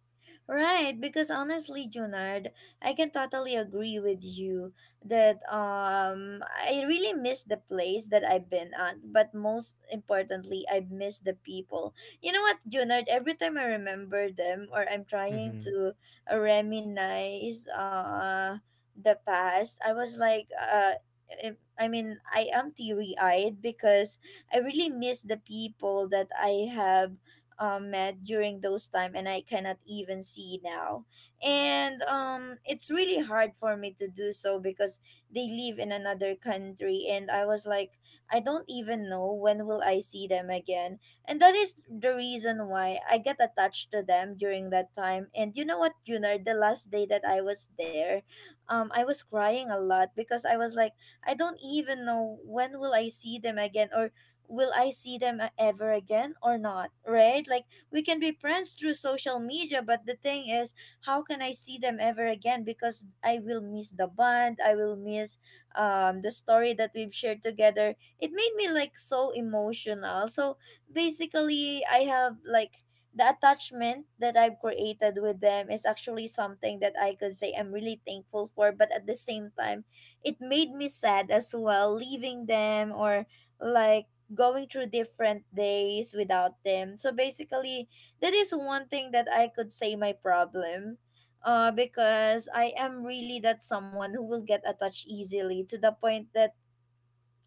Right, because honestly, Junard, I can totally agree with you that, I really miss the place that I've been at, but most importantly, I miss the people. You know what, Junard? Every time I remember them or I'm trying Mm-hmm. to, reminisce, the past, I was like. I mean, I am teary eyed because I really miss the people that I have, met during those time and I cannot even see now. And, it's really hard for me to do so because they live in another country, and I was like, I don't even know when will I see them again. And that is the reason why I get attached to them during that time. And you know what, Junior? The last day that I was there, I was crying a lot because I was like, I don't even know when will I see them again, or will I see them, ever again or not, right? Like, we can be friends through social media, but the thing is, how can I see them ever again? Because I will miss the bond, I will miss the story that we've shared together. It made me like so emotional. So basically, I have like the attachment that I've created with them is actually something that I could say I'm really thankful for, but at the same time, it made me sad as well leaving them or like going through different days without them. So basically, that is one thing that I could say my problem. Because I am really that someone who will get attached easily, to the point that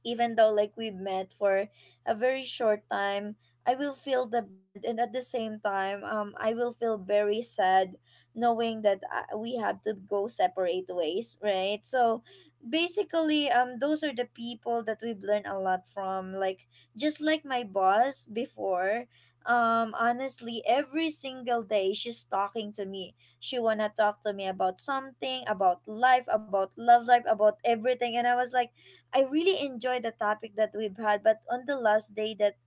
even though like we met for a very short time, I will feel the bond. And at the same time, I will feel very sad knowing that, we have to go separate ways, right? So basically, those are the people that we've learned a lot from, like, just like my boss before. Honestly, every single day she's talking to me, she wanna talk to me about something, about life, about love life, about everything, and I was like, I really enjoy the topic that we've had, but on the last day that,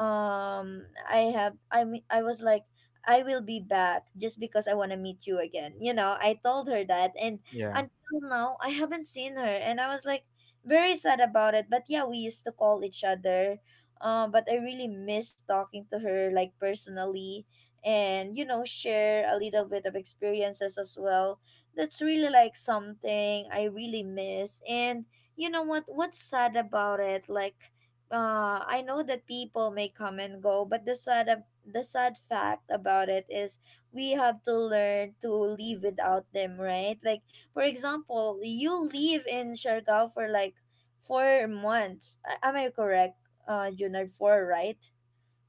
I mean, I was like, I will be back just because I want to meet you again. You know, I told her that, and Yeah. until now I haven't seen her, and I was like very sad about it. But yeah, we used to call each other. But I really miss talking to her, like, personally, and share a little bit of experiences as well. That's really like something I really miss. And you know what, what's sad about it, like, I know that people may come and go, but the sad of the sad fact about it is we have to learn to live without them, right? Like, for example, you live in Siargao for like 4 months. Am I correct, Junard? Four, right?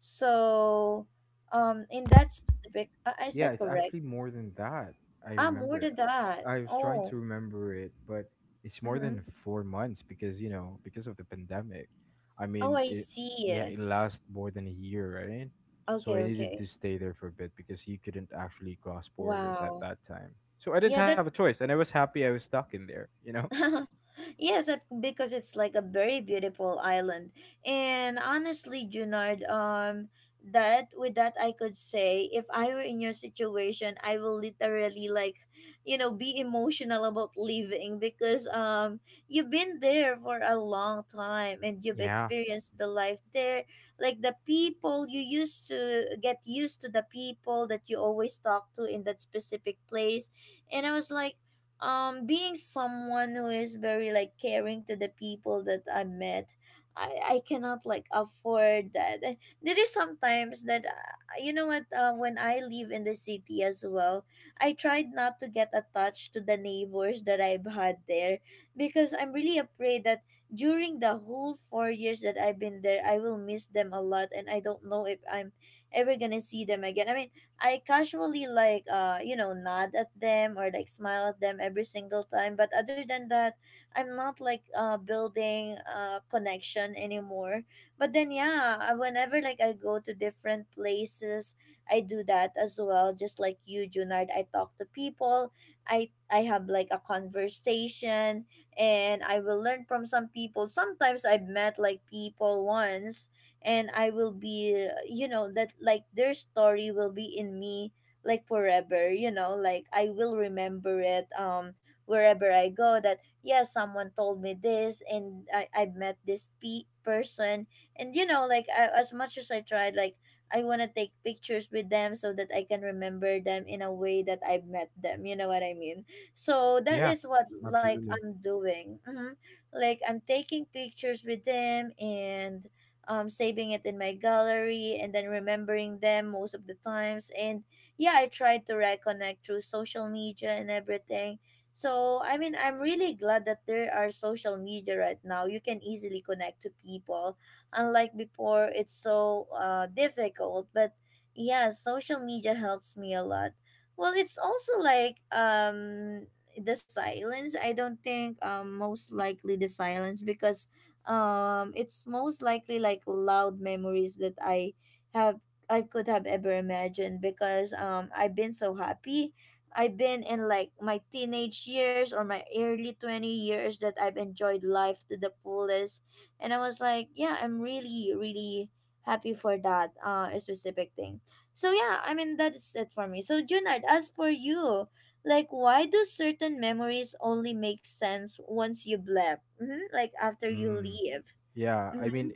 So, in that specific, is Yeah, that it's correct? actually more than that. I Ah, remember more it. than that. I was trying to Oh, remember it, but it's more mm-hmm. than 4 months because, you know, because of the pandemic. I Oh, mean, I it, yeah, see. it lasts more than a year, right? So Okay, I needed to okay. stay there for a bit because you couldn't actually cross borders at Wow. that time. So I didn't Yeah, have a that. choice, and I was happy I was stuck in there, you know? [LAUGHS] Yes, because it's like a very beautiful island. And honestly, Junard, that with that I could say, if I were in your situation, I will literally like, be emotional about leaving because, you've been there for a long time and you've Yeah. experienced the life there. Like the people, you used to get used to the people that you always talk to in that specific place. And I was like, being someone who is very like caring to the people that I met, I cannot like afford that. There is sometimes that, you know what, when I live in the city as well, I tried not to get attached to the neighbors that I've had there because I'm really afraid that during the whole 4 years that I've been there, I will miss them a lot, and I don't know if I'm ever gonna see them again. I mean, I casually like, nod at them or like smile at them every single time, but other than that, I'm not like, building, connection anymore. But then yeah, whenever like I go to different places, I do that as well. Just like you, Junard, I talk to people, I have like a conversation, and I will learn from some people. Sometimes I've met like people once, and I will be, that like their story will be in me like forever, like I will remember it, wherever I go. That yeah, someone told me this, and I met this person. And you know, like, I, as much as I tried, like, I want to take pictures with them so that I can remember them in a way that I've met them, you know what I mean? So that Yeah. is what like Absolutely. I'm doing. Like, I'm taking pictures with them, and, saving it in my gallery and then remembering them most of the times. And yeah, I tried to reconnect through social media and everything. So, I mean, I'm really glad that there are social media right now. You can easily connect to people. Unlike before, it's so, difficult. But yeah, social media helps me a lot. Well, it's also like the silence. I don't think, most likely the silence, because it's most likely like loud memories that have I could have ever imagined, because I've been so happy. I've been in like my teenage years or my early 20 years that I've enjoyed life to the fullest. And I was like, yeah, I'm really, really happy for that specific thing. So yeah, I mean, that's it for me. So Junard, as for you, like, why do certain memories only make sense once you've left? Like, after you Mm. leave. Yeah, I Mm-hmm. mean,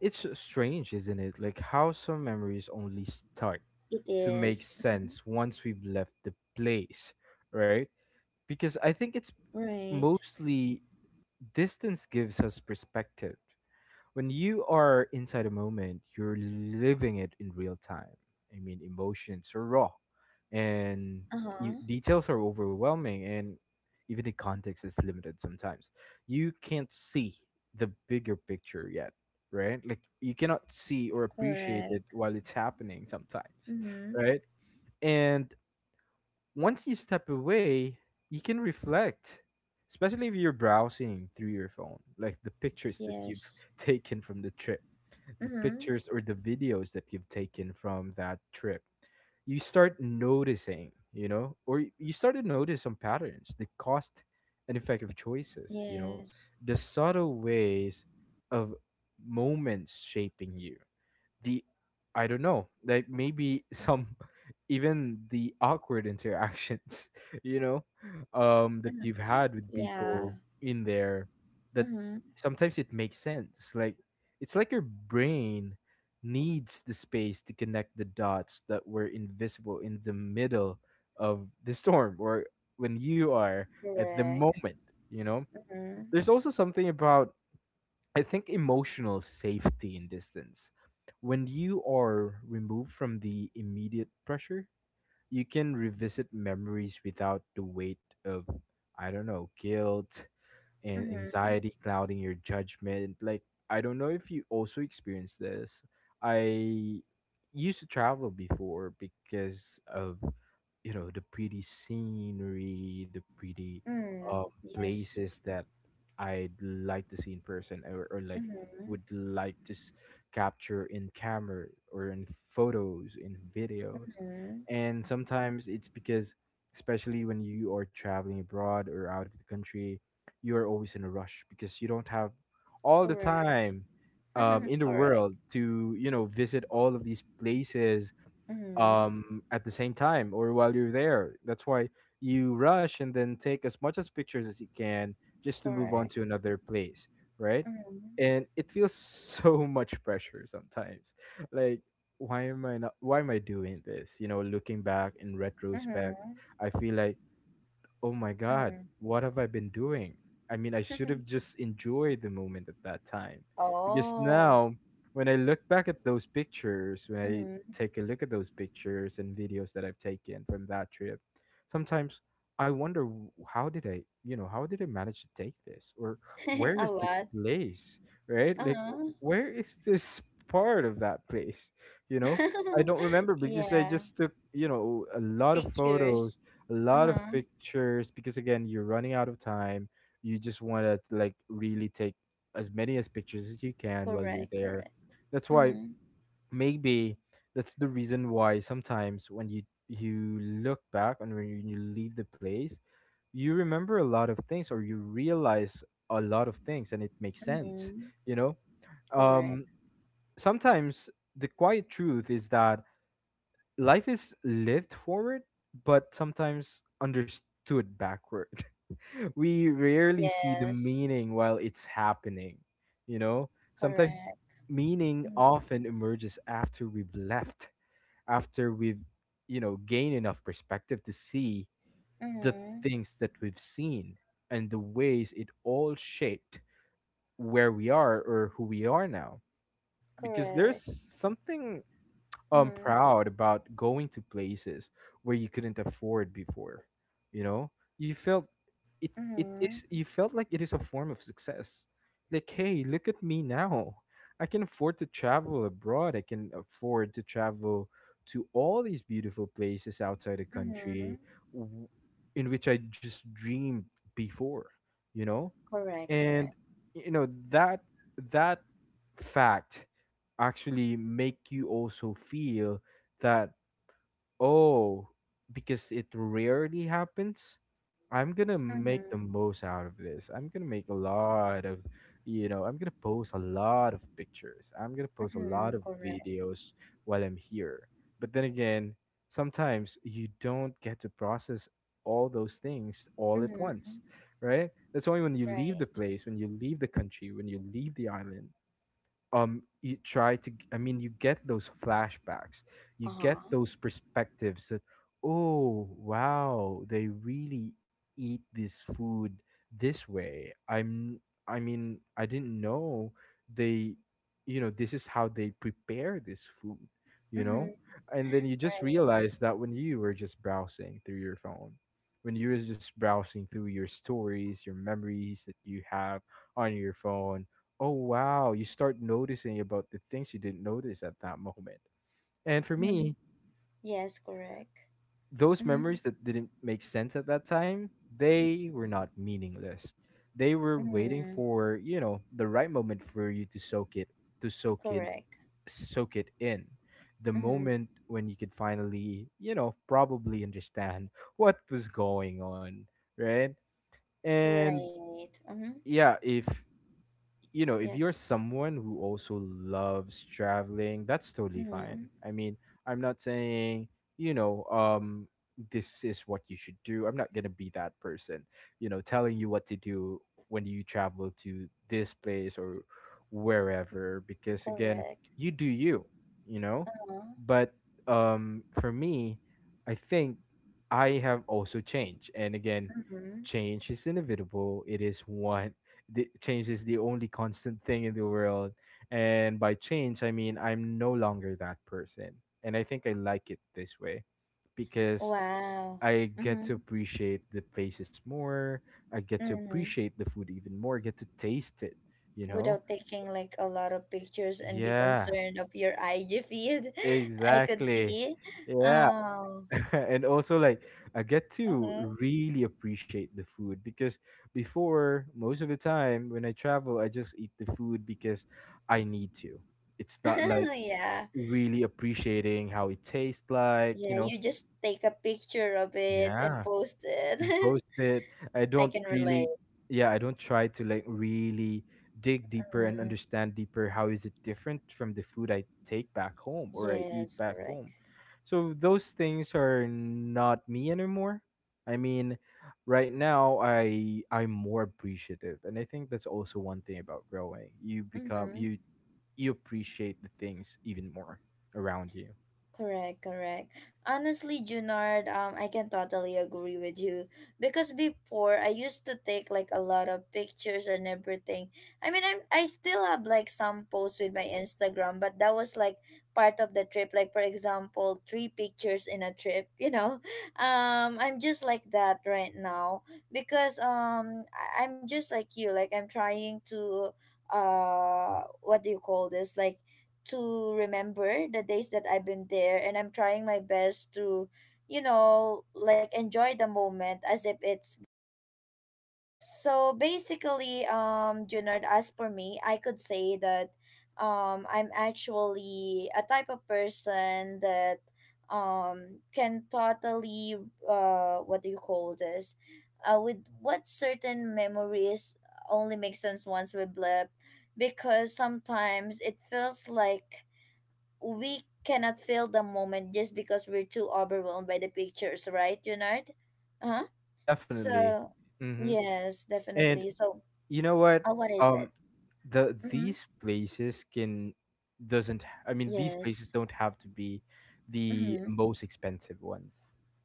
it's strange, isn't it? Like how some memories only start It to make is. Mhm. sense once we've left the place, right? Because I think it's Right. mostly distance gives us perspective when you are inside a moment, you're living it in real time. I mean, emotions are raw, and Uh huh. Details are overwhelming, and even the context is limited sometimes. You can't see the bigger picture yet, right? Like, you cannot see or appreciate it Correct. while it's happening sometimes, Mm-hmm. right? And once you step away, you can reflect. Especially if you're browsing through your phone, like the pictures that you've Yes. [LAUGHS] taken from the trip, the Mm-hmm. pictures or the videos that you've taken from that trip, you start noticing, you know, or you start to notice some patterns, the cost and effect of choices, you know, Yes. the subtle ways of moments shaping you. The I don't know, like maybe some [LAUGHS] even the awkward interactions, [LAUGHS] you know, that [LAUGHS] you've had with Yeah. people in there that Mm-hmm. sometimes it makes sense. Like it's like your brain needs the space to connect the dots that were invisible in the middle of the storm or when you are at the Correct. moment, you know? Mm-hmm. There's also something about, I think, emotional safety in distance. When you are removed from the immediate pressure, you can revisit memories without the weight of, I don't know, guilt and Mm-hmm. anxiety clouding your judgment. Like, I don't know if you also experience this. I used to travel before because of, you know, the pretty scenery, the pretty Mm. um, Yes. places that I'd like to see in person or like Mm-hmm. would like to capture in camera or in photos, in videos. Mm-hmm. And sometimes it's because, especially when you are traveling abroad or out of the country, you are always in a rush because you don't have all the Correct. time in [LAUGHS] the world Correct. to you know visit all of these places Mm-hmm. At the same time or while you're there. That's why you rush and then take as much as pictures as you can just to move on Correct. to another place, right? Mm-hmm. And it feels [LAUGHS] so much pressure sometimes. [LAUGHS] Like why am I not? Why am I doing this? You know, looking back in retrospect, Mm-hmm. I feel like oh my god, Mm-hmm. what have I been doing? I mean, I should have just enjoyed the moment at that time. [LAUGHS] Because Oh. now, when I look back at those pictures, when I Hmm. take a look at those pictures and videos that I've taken from that trip, sometimes I wonder how did I, you know, how did I manage to take this? Or [LAUGHS] where A is this lot. place? Right? Like, Uh-huh. where is this part of that place? You know? I [LAUGHS] don't remember because I Yeah. just took, you know, a lot of Pictures. photos, a lot of Uh-huh. pictures because again you're running out of time, you just want to like really take as many as pictures as you can while you're Correct, there. correct. That's why Mm-hmm. maybe that's the reason why sometimes when you look back and when you leave the place you remember a lot of things or you realize a lot of things and it makes sense, Mm-hmm. you know, Correct. um sometimes the quiet truth is that life is lived forward, but sometimes understood backward. [LAUGHS] We rarely see the Yes. meaning while it's happening, you know? Sometimes Correct. meaning Mm-hmm. often emerges after we've left, after we've, you know, gained enough perspective to see the Mm-hmm. things that we've seen and the ways it all shaped where we are or who we are now. Because there's Correct. something Mm-hmm. proud about going to places where you couldn't afford before, you know, you felt it it Mm-hmm. is you felt like it is a form of success, like hey look at me now, I can afford to travel abroad, I can afford to travel to all these beautiful places outside the Mm-hmm. country, w- in which I just dreamed before, you know. Correct, And correct. you know that fact actually make you also feel that, oh, because it rarely happens. I'm gonna make the Mm-hmm. most out of this. I'm gonna make a lot of, you know, I'm gonna post a lot of pictures. I'm gonna post a Mm-hmm. lot of Correct. videos while I'm here. But then again, sometimes you don't get to process all those things all at Mm-hmm. once, right? That's why when you leave the Right. place, when you leave the country, when you leave the island, you try to you get those flashbacks, you get Uh-huh. those perspectives that oh wow they really eat this food this way, I mean I didn't know they, you know, this is how they prepare this food, you know. Mm-hmm. And then you just Right. realize that when you were just browsing through your phone, when you were just browsing through your stories, your memories that you have on your phone, oh wow, you start noticing about the things you didn't notice at that moment. And for me, [LAUGHS] Yes, correct. those Mm-hmm. memories that didn't make sense at that time, they were not meaningless. They were waiting Mm-hmm. for, you know, the right moment for you to soak in, Correct. soak it in. The Mm-hmm. moment when you could finally, you know, probably understand what was going on, right? And Right. Mm-hmm. yeah, if you know, if you're Yes. someone who also loves traveling, that's totally fine. Mm-hmm. I mean, I'm not saying, you know, this is what you should do. I'm not gonna be that person, you know, telling you what to do when you travel to this place or wherever, because again, Correct. you do you, you know? Uh-huh. But for me, I think I have also changed. And again, Mm-hmm. change is inevitable. It is what The change is the only constant thing in the world, and by change I mean I'm no longer that person and I think I like it this way because Wow. I get Mm-hmm. to appreciate the places more, I get to Mm-hmm. appreciate the food even more, I get to taste it, you know. Without taking like a lot of pictures and be Yeah, concerned of your IG feed, [LAUGHS] I could exactly. see. Yeah. Oh. [LAUGHS] And also like I get to Mm-hmm. really appreciate the food because before most of the time when I travel I just eat the food because I need to. It's not like [LAUGHS] Yeah. really appreciating how it tastes like, you Yeah. know. You just take a picture of it and Yeah, post it. and [LAUGHS] post it. I I don't can really, relate. yeah, I don't try to like really dig deeper and Mm. understand deeper how is it different from the food I take back home or I eat Yes. back home. Correct. So those things are not me anymore. I mean, right now I'm more appreciative, and I think that's also one thing about growing. You become Mm-hmm. you You appreciate the things even more around you. Correct, correct. Honestly, Junard, I can totally agree with you, because before I used to take like a lot of pictures and everything. I mean, I still have like some posts with my Instagram, but that was like part of the trip. Like for example, three pictures in a trip, you know. [LAUGHS] I'm just like that right now, because I'm just like you. Like I'm trying to, what do you call this? Like to remember the days that I've been there, and I'm trying my best to, like enjoy the moment as if it's. So basically, Junard, as for me, I could say that I'm actually a type of person that can totally, what do you call this? With what certain memories only make sense once we blip, because sometimes it feels like we cannot feel the moment just because we're too overwhelmed by the pictures, right, Junard? Uh-huh. Definitely. So, Mm-hmm. yes, And definitely. So, you know what? What is it? Um, Mm-hmm. these places can doesn't. H- I mean, these places Yes. don't have to be the Mm-hmm. most expensive ones,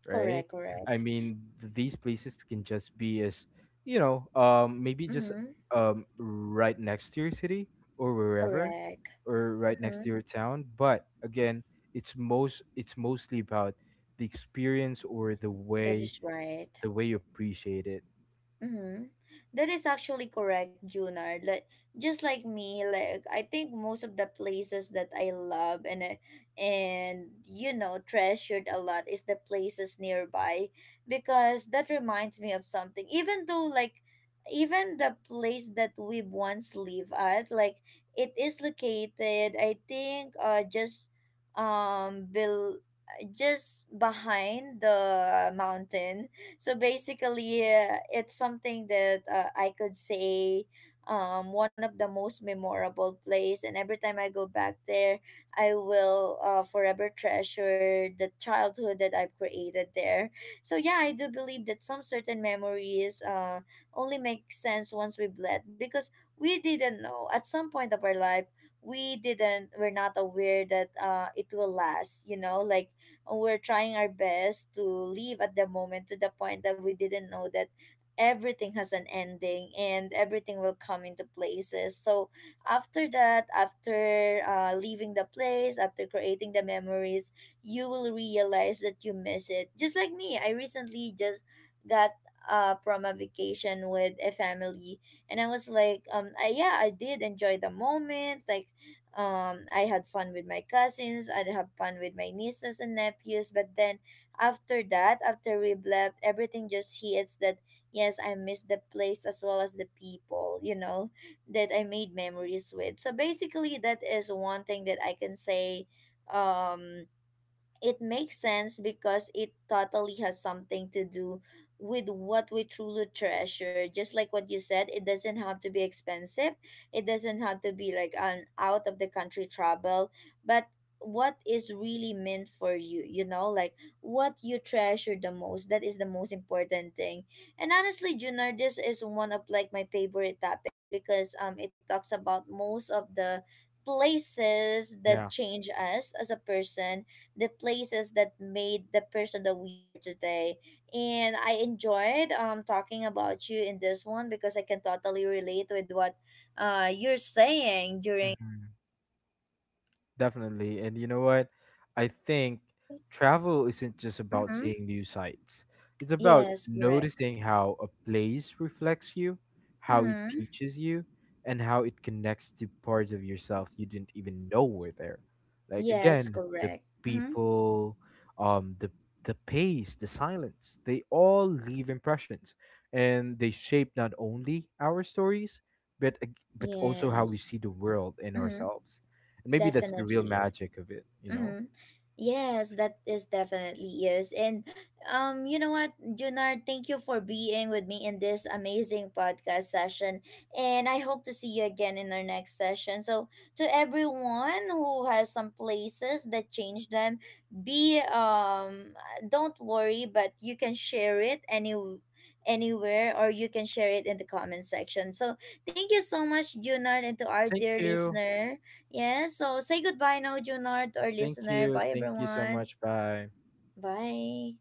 right? Correct, I correct. mean, these places can just be as you know, maybe just Mm-hmm. Right next to your city or wherever, Correct. or right next to Mm-hmm. your town. But again, it's mostly about the experience or That is right. the way you appreciate it. Mm-hmm. That is actually correct, Junard. Like, just like me, like I think most of the places that I love and you know treasured a lot is the places nearby, because that reminds me of something. Even though, like, even the place that we once live at, like, it is located, I think, just bel- just behind the mountain. So basically, it's something that, I could say, one of the most memorable place. And every time I go back there, I will, forever treasure the childhood that I've created there. So yeah, I do believe that some certain memories, only make sense once we've left, because we didn't know at some point of our life. We're not aware that it will last, you know, like we're trying our best to live at the moment, to the point that we didn't know that everything has an ending and everything will come into places. So after that, after leaving the place, after creating the memories, you will realize that you miss it. Just like me, I recently just got, from a vacation with a family. And I was like, yeah, I did enjoy the moment. Like, I had fun with my cousins, I'd have fun with my nieces and nephews. But then, after that, after we left, everything just hits that yes, I miss the place as well as the people, you know, that I made memories with. So basically, that is one thing that I can say. um it makes sense, because it totally has something to do with what we truly treasure. Just like what you said, it doesn't have to be expensive, it doesn't have to be like an out of the country travel, but what is really meant for you, you know, like, what you treasure the most, that is the most important thing. And honestly, junior, this is one of like my favorite topics, because it talks about most of the places that Yeah. change us as a person, the places that made the person that we are today. And I enjoyed talking about you in this one, because I can totally relate with what you're saying during. Definitely. And you know what? I think travel isn't just about Mm-hmm. seeing new sights, it's about Yes, correct. noticing how a place reflects you, how it Mm-hmm. teaches you, and how it connects to parts of yourself you didn't even know were there. Like, Yes, again, the correct. Mm-hmm. people, um, the the pace, the silence, they all leave impressions and they shape not only our stories, but, but also how we Yes. see the world and Mm-hmm. ourselves, and maybe that's the real Definitely. magic of it, you know? Mm-hmm. Yes, that is definitely is. And you know what, Junard, thank you for being with me in this amazing podcast session. And I hope to see you again in our next session. So to everyone who has some places that change them, be don't worry, but you can share it anywhere, or you can share it in the comment section. So thank you so much, Junard, and to our Thank dear you. listener. Yes, so say goodbye now, Junard, to our Thank listener. you. Bye, Thank you so everyone. much. Bye. Bye.